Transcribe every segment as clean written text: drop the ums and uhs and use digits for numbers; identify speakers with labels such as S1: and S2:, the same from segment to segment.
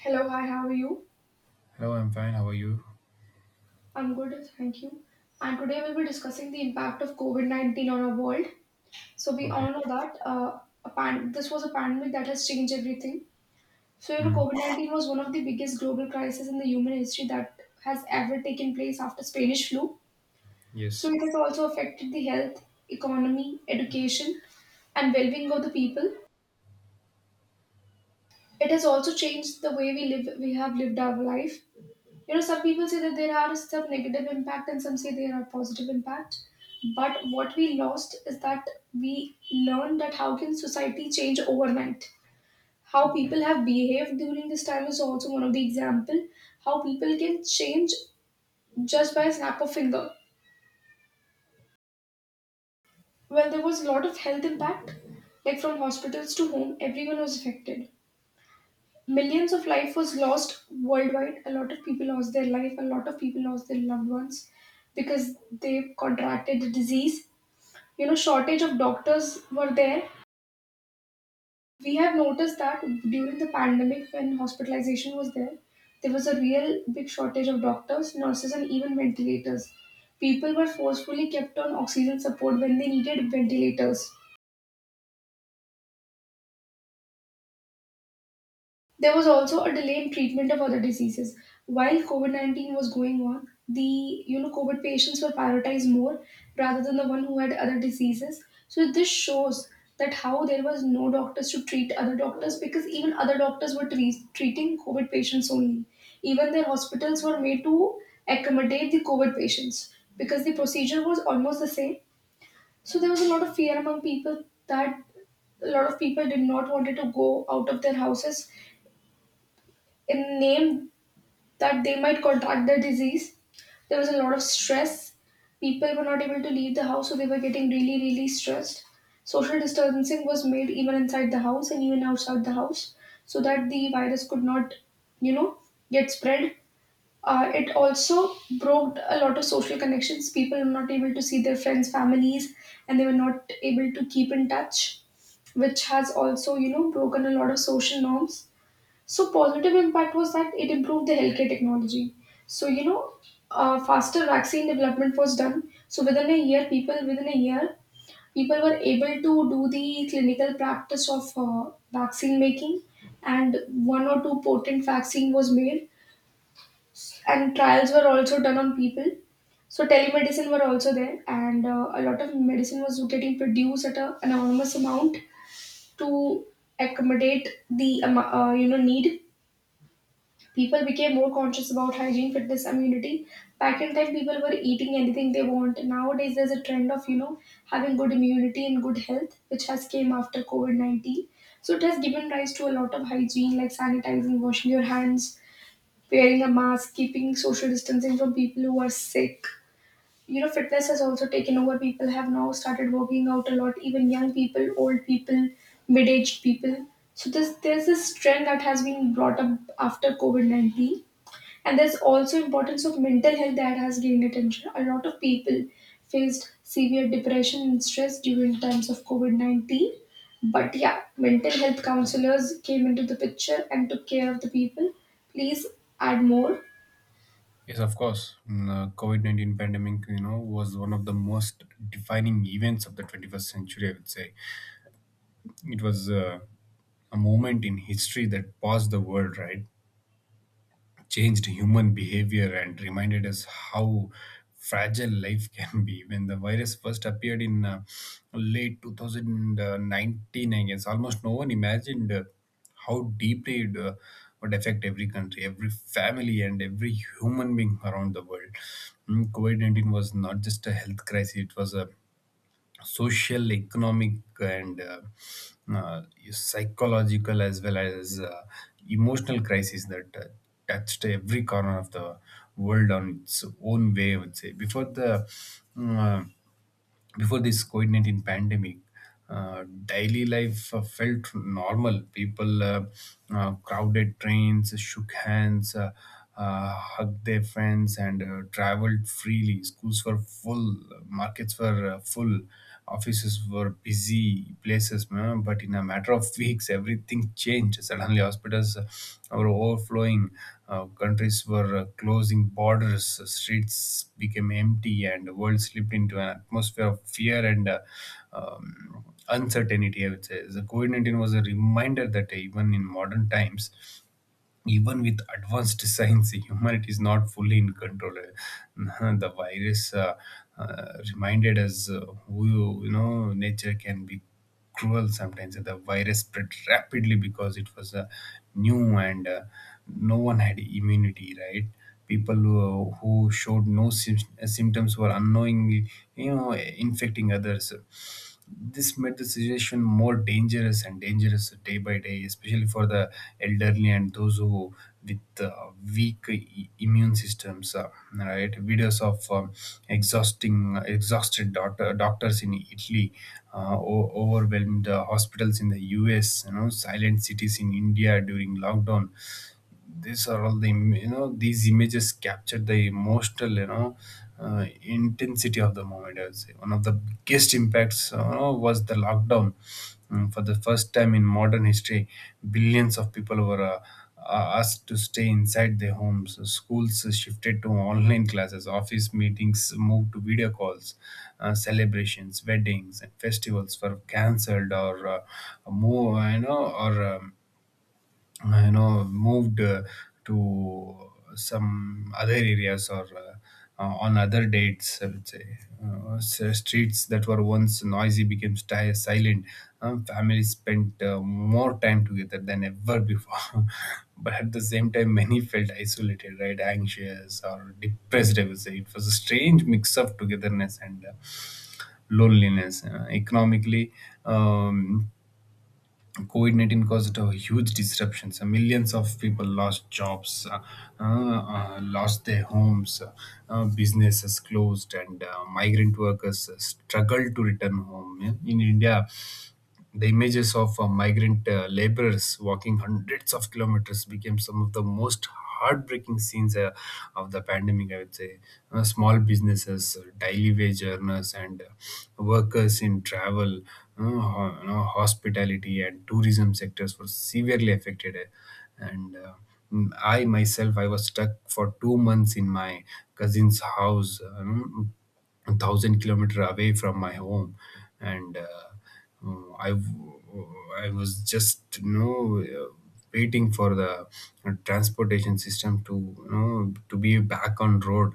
S1: Hello, hi, how are you?
S2: Hello, I'm fine. How are you?
S1: I'm good, thank you. And today we'll be discussing the impact of COVID 19 on our world. So, we
S2: Okay.
S1: all know that this was a pandemic that has changed everything. So,
S2: Mm,
S1: COVID 19 was one of the biggest global crises in the human history that has ever taken place after Spanish flu. So,
S2: yes.
S1: it has also affected the health, economy, education, and well-being of the people. It has also changed the way we live. We have lived our life. Some people say that there are some negative impact and some say there are positive impact, but what we lost is that we learned that how can society change overnight, how people have behaved during this time is also one of the example, how people can change just by a snap of finger. Well, there was a lot of health impact, like from hospitals to home everyone was affected. Millions of life was lost worldwide. A lot of people lost their life. A lot of people lost their loved ones because they contracted the disease. You know, shortage of doctors were there. We have noticed that during the pandemic, when hospitalization was there, there was a real big shortage of doctors, nurses, and even ventilators. People were forcefully kept on oxygen support when they needed ventilators. There was also a delay in treatment of other diseases. While COVID 19 was going on, the COVID patients were prioritized more rather than the one who had other diseases. So this shows that how there was no doctors to treat other doctors, because even other doctors were treating COVID patients only. Even their hospitals were made to accommodate the COVID patients because the procedure was almost the same. So there was a lot of fear among people, that a lot of people did not wanted to go out of their houses in name that they might contract the disease. There was a lot of stress. People were not able to leave the house, so they were getting really, really stressed. Social distancing was made even inside the house and even outside the house so that the virus could not, you know, get spread. It also broke a lot of social connections. People were not able to see their friends, families, and they were not able to keep in touch, which has also, broken a lot of social norms. So positive impact was that it improved the healthcare technology. So faster vaccine development was done. So within a year, people were able to do the clinical practice of vaccine making, and one or two potent vaccine was made, and trials were also done on people. So telemedicine were also there, and a lot of medicine was getting produced at an enormous amount to accommodate the need. People became more conscious about hygiene, fitness, immunity. Back in time, people were eating anything they want. Nowadays, there's a trend of having good immunity and good health, which has came after COVID 19. So it has given rise to a lot of hygiene, like sanitizing, washing your hands, wearing a mask, keeping social distancing from people who are sick. You know, fitness has also taken over. People have now started working out a lot, even young people, old people, mid aged people. So there's this trend that has been brought up after COVID 19, and there's also importance of mental health that has gained attention. A lot of people faced severe depression and stress during times of COVID-19. But yeah, mental health counselors came into the picture and took care of the people. Please add more.
S2: Yes, of course. COVID-19 pandemic, you know, was one of the most defining events of the 21st century, I would say. It was a moment in history that paused the world, right? Changed human behavior and reminded us how fragile life can be. When the virus first appeared in late 2019, I guess almost no one imagined how deeply it would affect every country, every family, and every human being around the world. Mm, COVID 19 was not just a health crisis, it was a social, economic, and uh, psychological as well as emotional crisis that touched every corner of the world on its own way. I would say mm, Uh, before this COVID 19 pandemic, daily life felt normal. People crowded trains, shook hands, hugged their friends, and traveled freely. Schools were full, markets were full, offices were busy places. But in a matter of weeks, everything changed. Suddenly, hospitals were overflowing, countries were closing borders, streets became empty, and the world slipped into an atmosphere of fear and uncertainty, I would say. The COVID 19 was a reminder that even in modern times, even with advanced science, humanity is not fully in control. The virus reminded us who, you know, nature can be cruel sometimes. The virus spread rapidly because it was new and no one had immunity, right? People who showed no symptoms were unknowingly, you know, infecting others. This made the situation more dangerous and dangerous day by day, especially for the elderly and those who with weak immune systems, right. Videos of exhausting exhausted doctors in Italy, overwhelmed hospitals in the US, you know, silent cities in India during lockdown, these are all the you know, these images capture the emotional, you know, intensity of the moment, I would say. One of the biggest impacts, you know, was the lockdown. Mm, for the first time in modern history, billions of people were asked to stay inside their homes. Schools shifted to online classes, office meetings moved to video calls, celebrations, weddings, and festivals were cancelled or more you know or you know moved to some other areas or on other dates, I would say. Streets that were once noisy became silent. Families spent more time together than ever before. But at the same time, many felt isolated, right, anxious or depressed. I would say it was a strange mix of togetherness and loneliness. Economically, um, COVID 19 caused huge disruptions. Millions of people lost jobs, lost their homes, businesses closed, and migrant workers struggled to return home. Yeah. In India, the images of migrant laborers walking hundreds of kilometers became some of the most heartbreaking scenes of the pandemic, I would say. Small businesses, daily wage earners, and workers in travel, you know, hospitality, and tourism sectors were severely affected. And uh, I myself, I was stuck for 2 months in my cousin's house. 1,000 kilometer away from my home, and I was just, you know, waiting for the transportation system to, you know, to be back on road.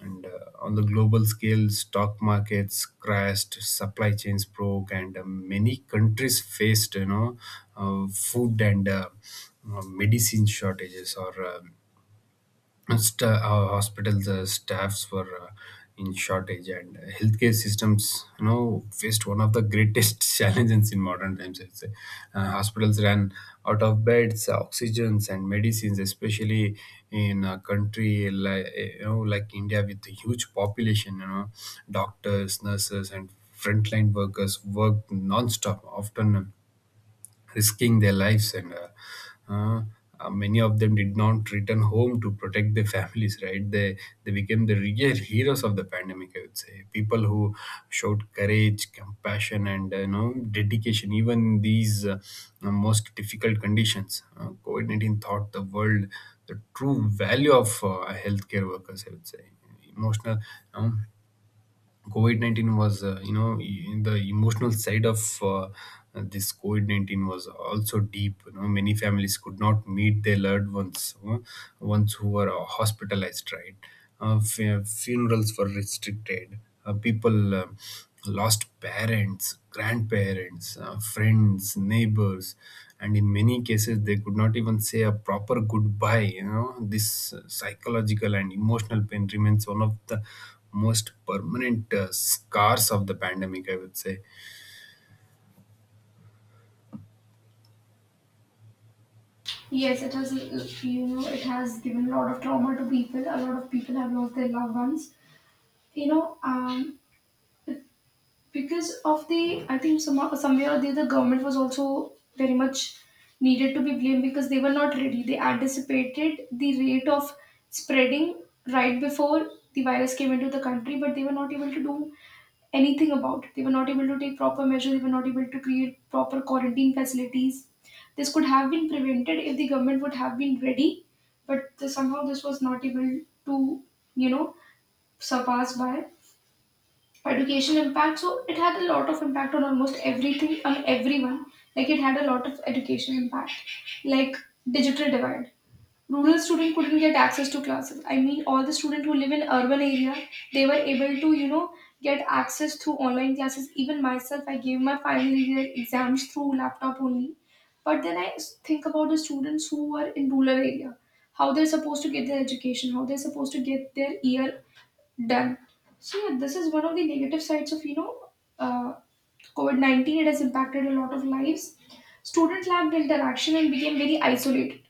S2: And on the global scale, stock markets crashed, supply chains broke, and many countries faced, you know, food and medicine shortages. Or um st- our hospitals uh, hospital the staffs were in shortage, and healthcare systems, you know, faced one of the greatest challenges in modern times, I'd say. Hospitals ran out of beds, oxygens, and medicines, especially in a country like, you know, like India, with a huge population, you know. Doctors, nurses, and frontline workers worked non-stop, often risking their lives, and uh, many of them did not return home to protect their families, right. They became the real heroes of the pandemic, I would say. People who showed courage, compassion, and, you know, dedication even in these most difficult conditions. COVID-19 taught the world the true value of healthcare workers, I would say. emotional you know, COVID 19 was, you know, the emotional side of this COVID 19 was also deep. You know, many families could not meet their loved ones, you ones who were hospitalized, right? Funerals were restricted. People lost parents, grandparents, friends, neighbors, and in many cases, they could not even say a proper goodbye. You know, this psychological and emotional pain remains one of the most permanent scars of the pandemic, I would say.
S1: Yes, it has, it has given a lot of trauma to people. A lot of people have lost their loved ones. You know, um, because of the, I think, somewhere or the other, government was also very much needed to be blamed, because they were not ready. They anticipated the rate of spreading right before the virus came into the country, but they were not able to do anything about it. They were not able to take proper measures. They were not able to create proper quarantine facilities. This could have been prevented if the government would have been ready, but somehow this was not able to, you know surpass by. Education impact, so it had a lot of impact on almost everything, on everyone. Like it had a lot of education impact, like digital divide. Rural student couldn't get access to classes. I mean, all the students who live in urban area, they were able to, get access through online classes. Even myself, I gave my final year exams through laptop only. But then I think about the students who are in rural area, how they're supposed to get their education, how they're supposed to get their ear done. So yeah, this is one of the negative sides of uh, COVID 19. It has impacted a lot of lives. Students lacked interaction and became very isolated.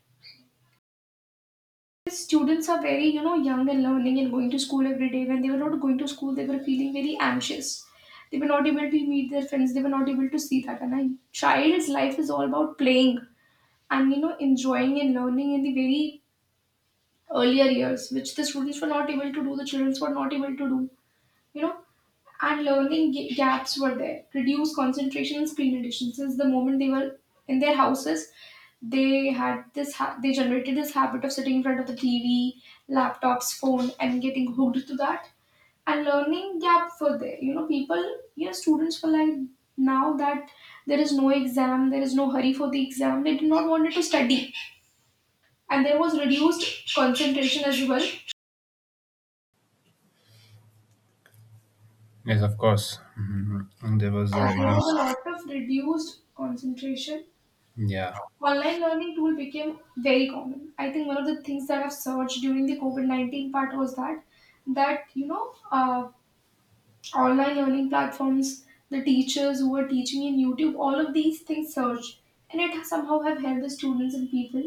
S1: Students are very, young and learning and going to school every day. When they were not going to school, they were feeling very anxious. They were not able to meet their friends. They were not able to see that. And a child's life is all about playing and, enjoying and learning in the very earlier years, which the students were not able to do. The children were not able to do, you know and learning gaps were there, reduced concentration on screen addiction. Since the moment they were in their houses, they had they generated this habit of sitting in front of the TV, laptops, phone and getting hooked to that. And learning gap for there, people, students were like, now that there is no exam, there is no hurry for the exam, they did not wanted to study. And there was reduced concentration as well.
S2: Yes, of course. Mhm. And there was a
S1: There was a
S2: reduced.
S1: lot of reduced concentration.
S2: Yeah.
S1: Online learning tool became very common. I think one of the things that have surged during the COVID 19 part was that that you know uh, online learning platforms, the teachers who are teaching in YouTube, all of these things surged, and it has somehow have helped the students and people.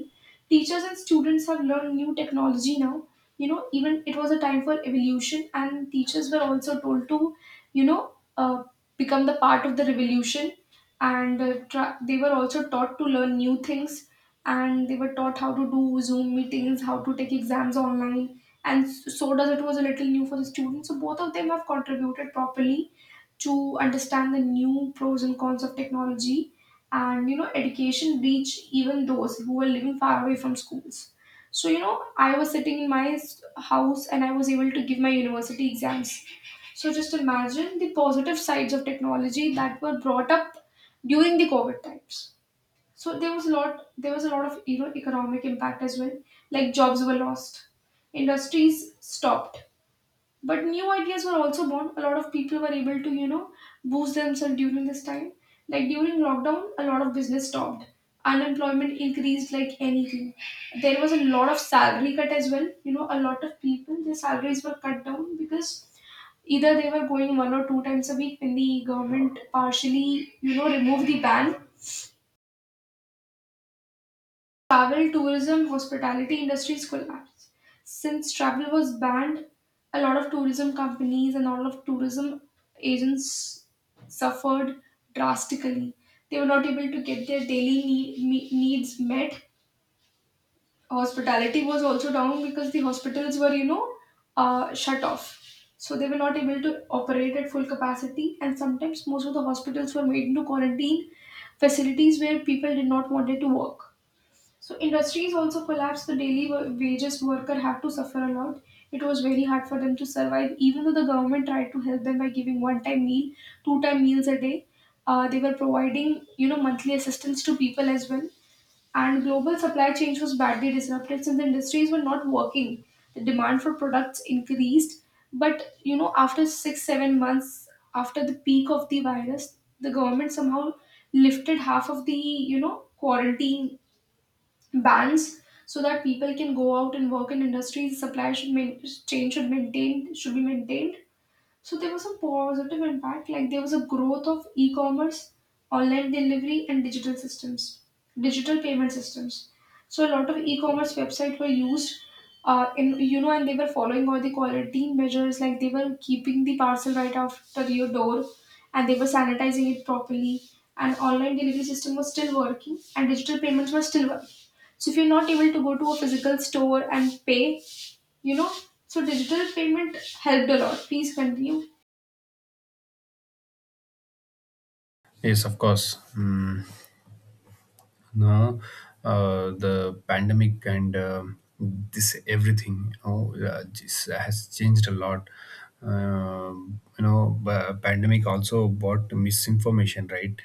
S1: Teachers and students have learned new technology now. You know, even it was a time for evolution, and teachers were also told to, you know, uh, become the part of the revolution, and they were also taught to learn new things, and they were taught how to do Zoom meetings, how to take exams online, and so does it was a little new for the students. So both of them have contributed properly to understand the new pros and cons of technology, and, education reach even those who are living far away from schools. So, you know, I was sitting in my house, and I was able to give my university exams. So just imagine the positive sides of technology that were brought up during the COVID times. So there was a lot of, economic impact as well. Like jobs were lost, industries stopped, but new ideas were also born. A lot of people were able to, boost themselves during this time. Like during lockdown, a lot of business stopped. Unemployment increased like anything. There was a lot of salary cut as well. You know, a lot of people, their salaries were cut down because either they were going one or two times a week when the government partially, removed the ban. Travel, tourism, hospitality industries collapsed. Since travel was banned, a lot of tourism companies and all of tourism agents suffered drastically. They were not able to get their needs met. Hospitality was also down because the hospitals were, shut off. So they were not able to operate at full capacity, and sometimes most of the hospitals were made into quarantine facilities where people did not wanted to work. So industries also collapsed. The daily wages worker had to suffer a lot. It was very hard for them to survive, even though the government tried to help them by giving one-time meal, two-time meals a day. They were providing, monthly assistance to people as well. And global supply chains was badly disrupted since the industries were not working. The demand for products increased, but, you know, after six, 7 months after the peak of the virus, the government somehow lifted half of the, quarantine bans, so that people can go out and work in industries. Chain should maintain should be maintained, so there was a positive impact, like there was a growth of e-commerce, online delivery, and digital systems, digital payment systems. So a lot of e-commerce websites were used, and they were following all the quarantine measures, like they were keeping the parcel right after your door, and they were sanitizing it properly. And online delivery system was still working, and digital payments were still working. So if you're not able to go to a physical store and pay, you know, so digital payment helped a lot. Please continue.
S2: Yes, of course. Mm. No, the pandemic and, this everything, you know, this has changed a lot. You know, pandemic also brought misinformation, right?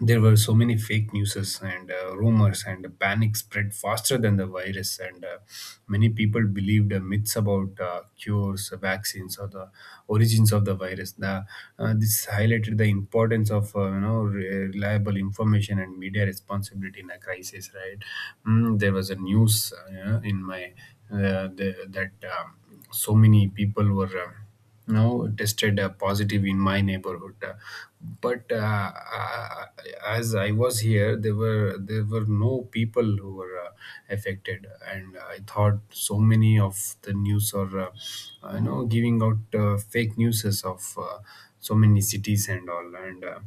S2: There were so many fake newses and rumors, and the panic spread faster than the virus. And many people believed myths about cures, vaccines, or the origins of the virus. This highlighted the importance of, you know, reliable information and media responsibility in a crisis, right. Mm, there was a news, you know, in my the, that um, so many people were, now, tested positive in my neighborhood. But uh, as I was here, there were no people who were affected, and I thought so many of the news are, you know, giving out fake newses of so many cities and all. And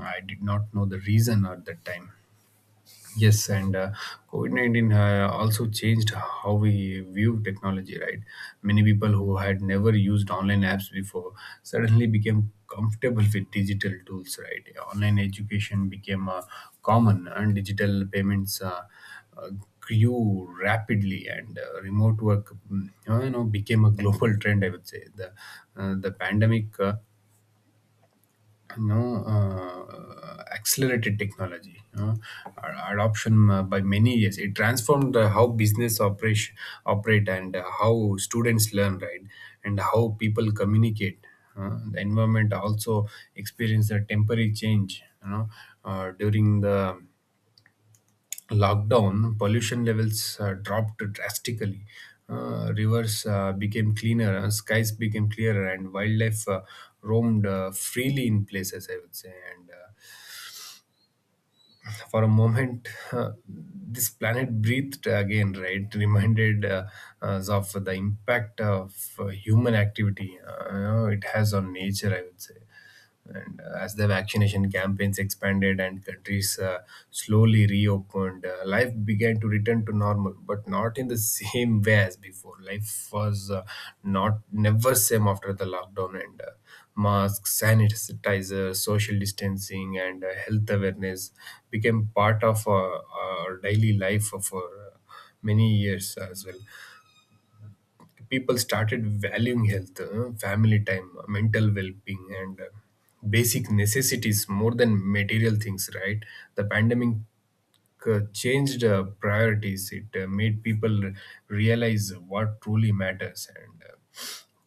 S2: I did not know the reason at that time. Yes, and COVID 19 also changed how we view technology, right? Many people who had never used online apps before suddenly became comfortable with digital tools, right? Online education became common, and digital payments uh, grew rapidly, and remote work, mm, you know, became a global trend, I would say. The pandemic know accelerated technology, you know, adoption by many years. It transformed how business operation operate, and how students learn, right, and how people communicate. The environment also experienced a temporary change, you know. During the lockdown, pollution levels dropped drastically. Rivers became cleaner, skies became clearer, and wildlife roamed freely in places, I would say. And for a moment, this planet breathed again, right? Reminded us of the impact of human activity, you know, it has on nature, I would say. And as the vaccination campaigns expanded and countries slowly reopened, life began to return to normal, but not in the same way as before. Life was not never same after the lockdown, and masks, sanitizer, social distancing, and health awareness became part of our daily life for uh, many years as well. People started valuing health, family time, mental well-being, and basic necessities more than material things, right. The pandemic changed priorities. It made people realize what truly matters. And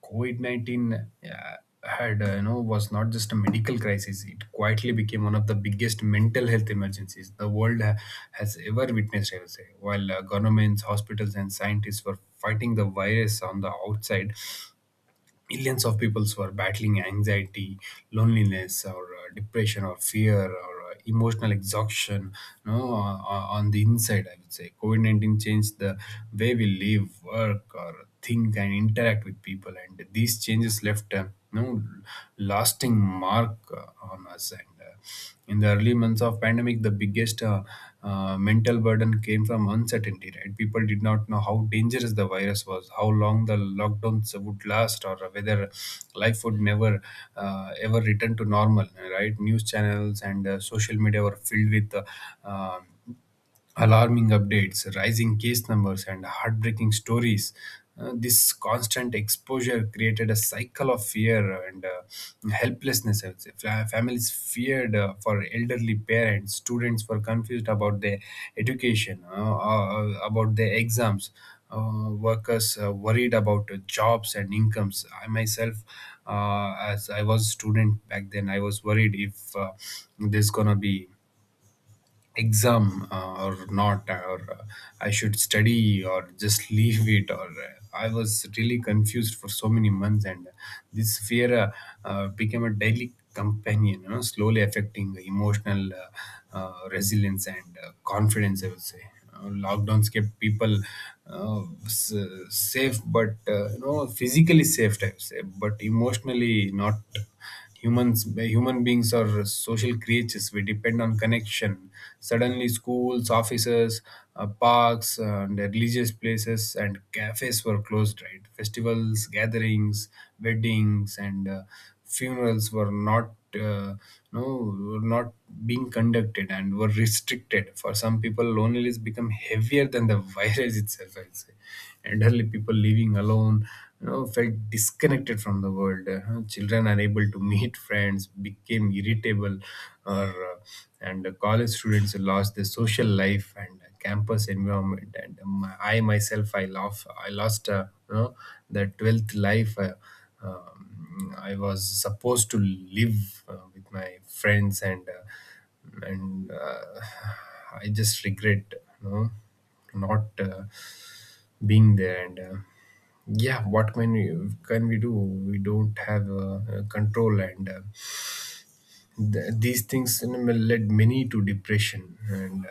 S2: COVID 19 had, you know, was not just a medical crisis. It quietly became one of the biggest mental health emergencies the world has ever witnessed, I would say. While governments, hospitals, and scientists were fighting the virus on the outside, millions of peoples were battling anxiety, loneliness, or depression, or fear, or emotional exhaustion. No, On the inside, I would say COVID-19 changed the way we live, work, or think, and interact with people, and these changes left a you lasting mark on us. And in the early months of pandemic, the biggest mental burden came from uncertainty, right. People did not know how dangerous the virus was, how long the lockdowns would last, or whether life would never ever return to normal, right. News channels and social media were filled with um alarming updates, rising case numbers, and heartbreaking stories. This constant exposure created a cycle of fear and helplessness, I would say. Families feared for elderly parents, students were confused about their education, about their exams. Workers worried about jobs and incomes. I myself, as I was a student back then, I was worried if there's gonna be exam, or not, or I should study or just leave it, or I was really confused for so many months. And this fear became a daily companion, slowly affecting emotional resilience and confidence, I would say. Lockdowns kept people uh, s- safe, but physically safe, I would say, but emotionally not. Humans, human beings are social creatures. We depend on connection. Suddenly, schools, offices, parks, and religious places, and cafes were closed. Right. Festivals, gatherings, weddings, and funerals uh, no were not being conducted, and were restricted for some people. Loneliness become heavier than the virus itself, I'd say. Elderly people living alone, felt disconnected from the world. Children unable to meet friends became irritable, or and the college students lost their social life and campus environment. And my, I myself I love I lost, the 12th life. Um, I was supposed to live with my friends, and I just regret, you know not being there. And yeah, what can we do? We don't have control. And these things, may led many to depression. And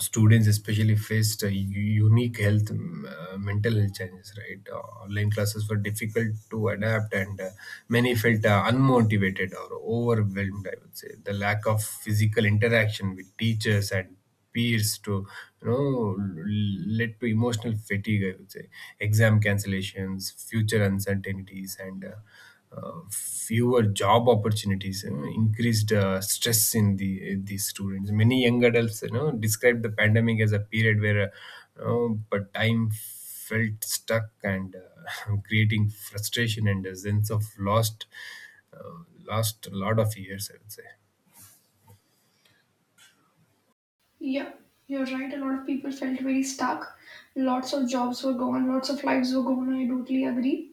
S2: students especially faced unique health mental health challenges, right. Online classes were difficult to adapt, and many felt unmotivated or overwhelmed, I would say. The lack of physical interaction with teachers and peers to you know l- led to emotional fatigue, I would say. Exam cancellations, future uncertainties, and fewer job opportunities, increased stress in these students. Many young adults, describe the pandemic as a period where, you know, but time felt stuck, and creating frustration and a sense of uh, lost a lot of years, I would say.
S1: Yeah, you're right. A lot of people felt very stuck. Lots of jobs were gone, lots of lives were gone. I totally agree.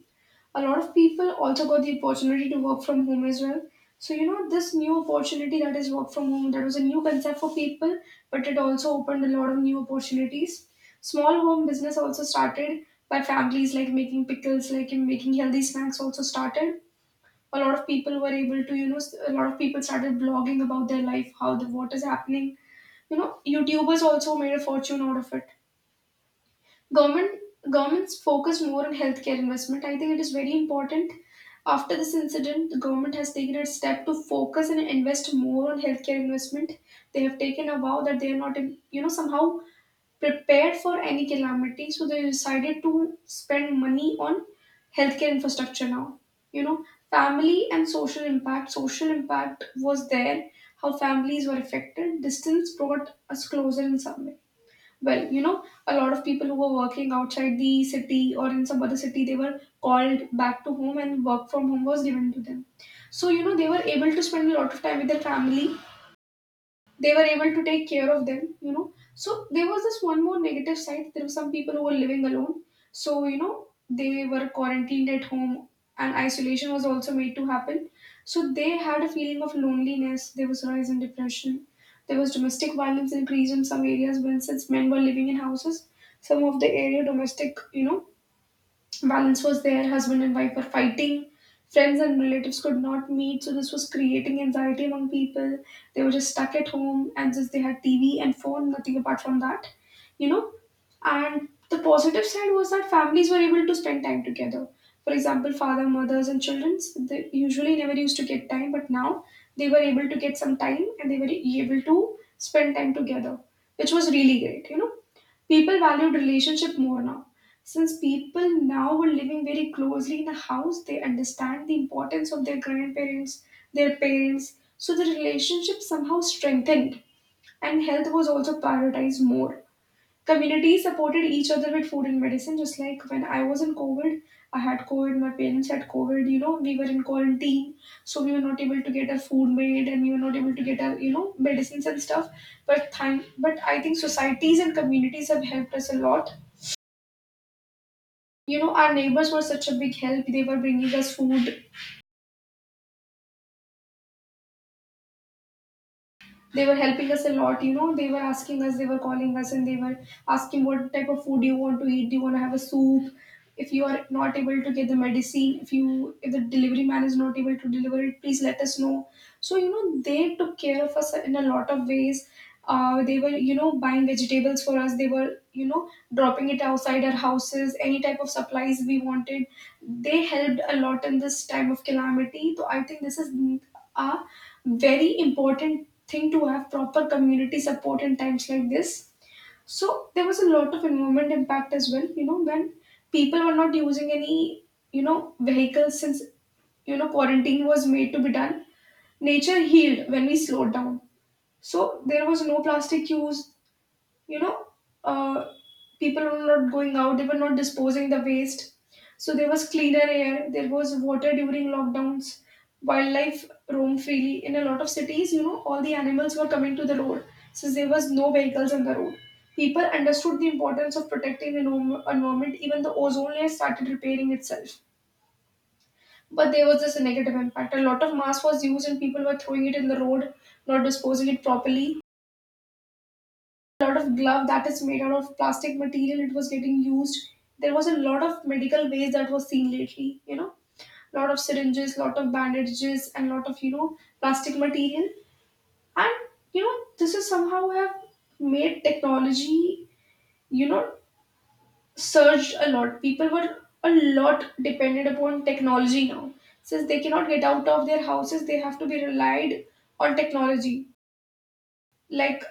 S1: A lot of people also got the opportunity to work from home as well. So, you know, this new opportunity, that is work from home, that was a new concept for people, but it also opened a lot of new opportunities. Small home business also started by families, like making pickles, like in making healthy snacks also started. A lot of people were able to, you know, a lot of people started blogging about their life, how the what is happening. You know, youtubers also made a fortune out of it. government Governments focus more on healthcare investment. I think it is very important. After this incident, the government has taken a step to focus and invest more on healthcare investment. They have taken a vow that they are not, you know, somehow prepared for any calamity, so they decided to spend money on healthcare infrastructure now, you know. Family and social impact, social impact was there. How families were affected, distance brought us closer in some way. Well, you know, a lot of people who were working outside the city or in some other city, they were called back to home and work from home was given to them. So, you know, they were able to spend a lot of time with their family. They were able to take care of them, you know. So there was this one more negative side. There were some people who were living alone, so, you know, they were quarantined at home and isolation was also made to happen, so they had a feeling of loneliness. There was rise in depression. There was domestic violence increase in some areas when, since men were living in houses, some of the area domestic, you know, violence was there, husband and wife were fighting, friends and relatives could not meet, so this was creating anxiety among people. They were just stuck at home and just they had TV and phone, nothing apart from that, you know. And the positive side was that families were able to spend time together. For example, father, mothers, and children, they usually never used to get time, but now they were able to get some time and they were able to spend time together, which was really great, you know. People valued relationship more now. Since people now were living very closely in a house, they understand the importance of their grandparents, their parents, so the relationship somehow strengthened and health was also prioritized more. Communities supported each other with food and medicine, just like when I was in COVID, I had COVID, my parents had COVID, you know, we were in quarantine, so we were not able to get our food made and we were not able to get our, you know, medicines and stuff. But thank, but I think societies and communities have helped us a lot. You know, our neighbors were such a big help. They were bringing us food, they were helping us a lot, you know, they were asking us, they were calling us and they were asking, what type of food do you want to eat, do you want to have a soup, if you are not able to get the medicine, if you, if the delivery man is not able to deliver it, please let us know. So, you know, they took care of us in a lot of ways. They were, you know, buying vegetables for us, they were, you know, dropping it outside our houses, any type of supplies we wanted, they helped a lot in this time of calamity. So I think this is a very important thing, to have proper community support in times like this. So there was a lot of environment impact as well. You know, when people were not using any, you know, vehicles, since, you know, quarantine was made to be done, nature healed when we slowed down. So there was no plastic use, you know, uh, people were not going out, they were not disposing the waste, so there was cleaner air, there was water. During lockdowns wildlife roam freely in a lot of cities, you know, all the animals were coming to the road since there was no vehicles on the road. People understood the importance of protecting the environment. Even the ozone layer started repairing itself. But there was this negative impact, a lot of mass was used and people were throwing it in the road, not disposing it properly. Lot of glove that is made out of plastic material, it was getting used. There was a lot of medical waste that was seen lately, you know, lot of syringes, lot of bandages, and lot of, you know, plastic material. And you know, this is somehow have made technology, you know, surged a lot. People were a lot dependent upon technology now, since they cannot get out of their houses, they have to be relied on technology. Like,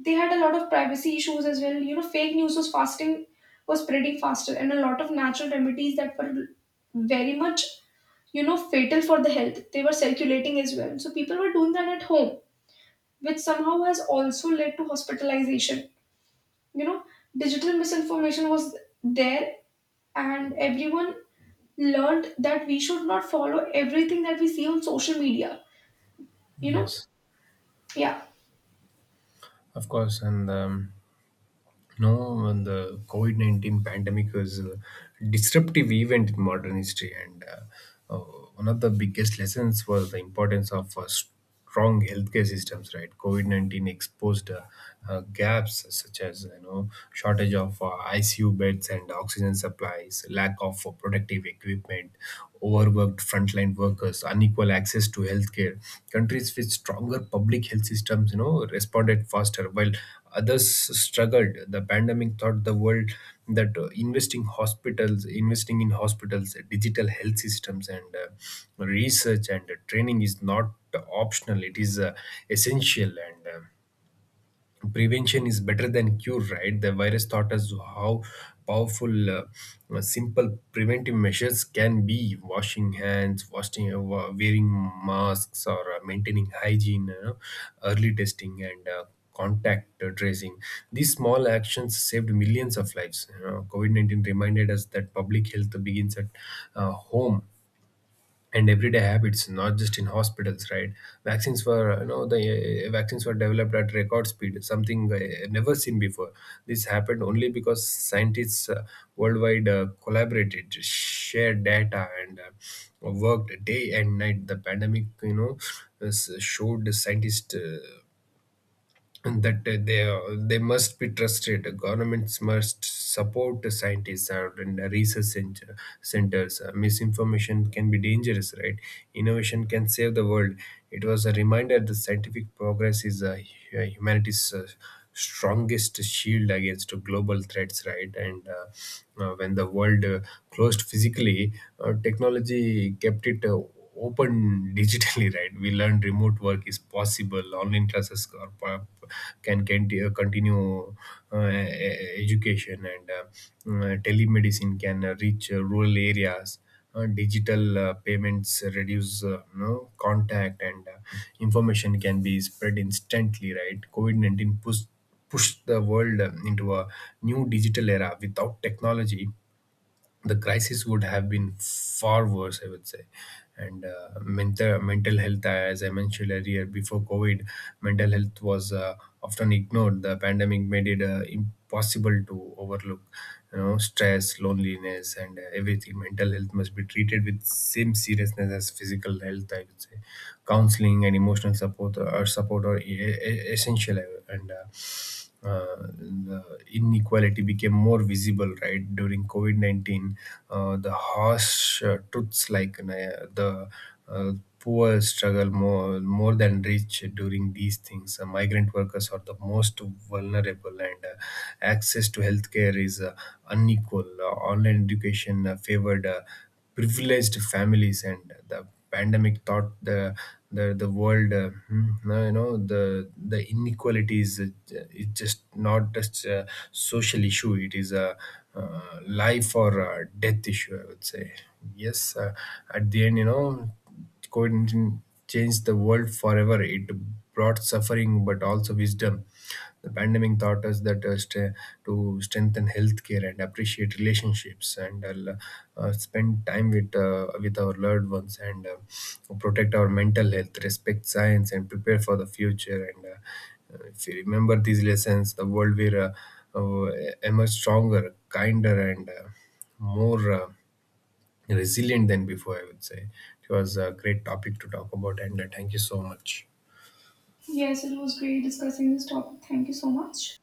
S1: they had a lot of privacy issues as well, you know, fake news was spreading faster, and a lot of natural remedies that were very much, you know, fatal for the health, they were circulating as well, so people were doing that at home, which somehow has also led to hospitalization, you know. Digital misinformation was there, and everyone learned that we should not follow everything that we see on social media, you know.
S2: Yes,
S1: Yeah.
S2: of course. And no, and the COVID 19 pandemic was a disruptive event in modern history. And one of the biggest lessons was the importance of strong healthcare systems, right. COVID 19 exposed gaps, such as, shortage of ICU beds and oxygen supplies, lack of protective equipment, overworked frontline workers, unequal access to healthcare. Countries with stronger public health systems, responded faster, while others struggled. The pandemic taught the world that investing hospitals, investing in hospitals, digital health systems, and research and training is not optional. It is essential. And prevention is better than cure, right. The virus taught us how powerful simple preventive measures can be: washing hands, washing, wearing masks, or maintaining hygiene, early testing, and contact tracing. These small actions saved millions of lives. COVID-19 reminded us that public health begins at home and everyday habits, not just in hospitals, right. Vaccines were you know the uh, vaccines were developed at record speed, something never seen before. This happened only because scientists worldwide collaborated, shared data, and worked day and night. The pandemic, showed the scientists, and that they must be trusted. Governments must support the scientists and the research centers. Misinformation can be dangerous, right? Innovation can save the world. It was a reminder that scientific progress is humanity's strongest shield against global threats, right. And when the world closed physically, technology kept it open digitally, right. We learn remote work is possible, online classes are, po- can t- continue uh, e- education, and telemedicine can reach rural areas. Digital payments reduce contact, and information can be spread instantly, right. COVID-19 pushed the world into a new digital era. Without technology, the crisis would have been far worse, I would say. And mental health, as I mentioned earlier, before COVID, mental health was often ignored. The pandemic made it impossible to overlook, stress, loneliness, and everything. Mental health must be treated with same seriousness as physical health, I would say. Counseling and emotional support are essential. And the inequality became more visible, right. During COVID-19, the harsh truths, like the uh, poor struggle more than rich during these things. Migrant workers are the most vulnerable, and access to healthcare is unequal. Online education favored privileged families. And the pandemic taught the world, hmm, no, you know the inequalities. It's just not just a social issue, it is a life or a death issue, I would say. Yes, at the end, COVID 19 changed the world forever. It brought suffering but also wisdom. The pandemic taught us that to strengthen healthcare and appreciate relationships, and spend time with our loved ones, and protect our mental health, respect science, and prepare for the future. And if you remember these lessons, the world will emerge stronger, kinder, and more resilient than before, I would say. It was a great topic to talk about, and thank you so much.
S1: Yes, it was great discussing this topic, thank you so much.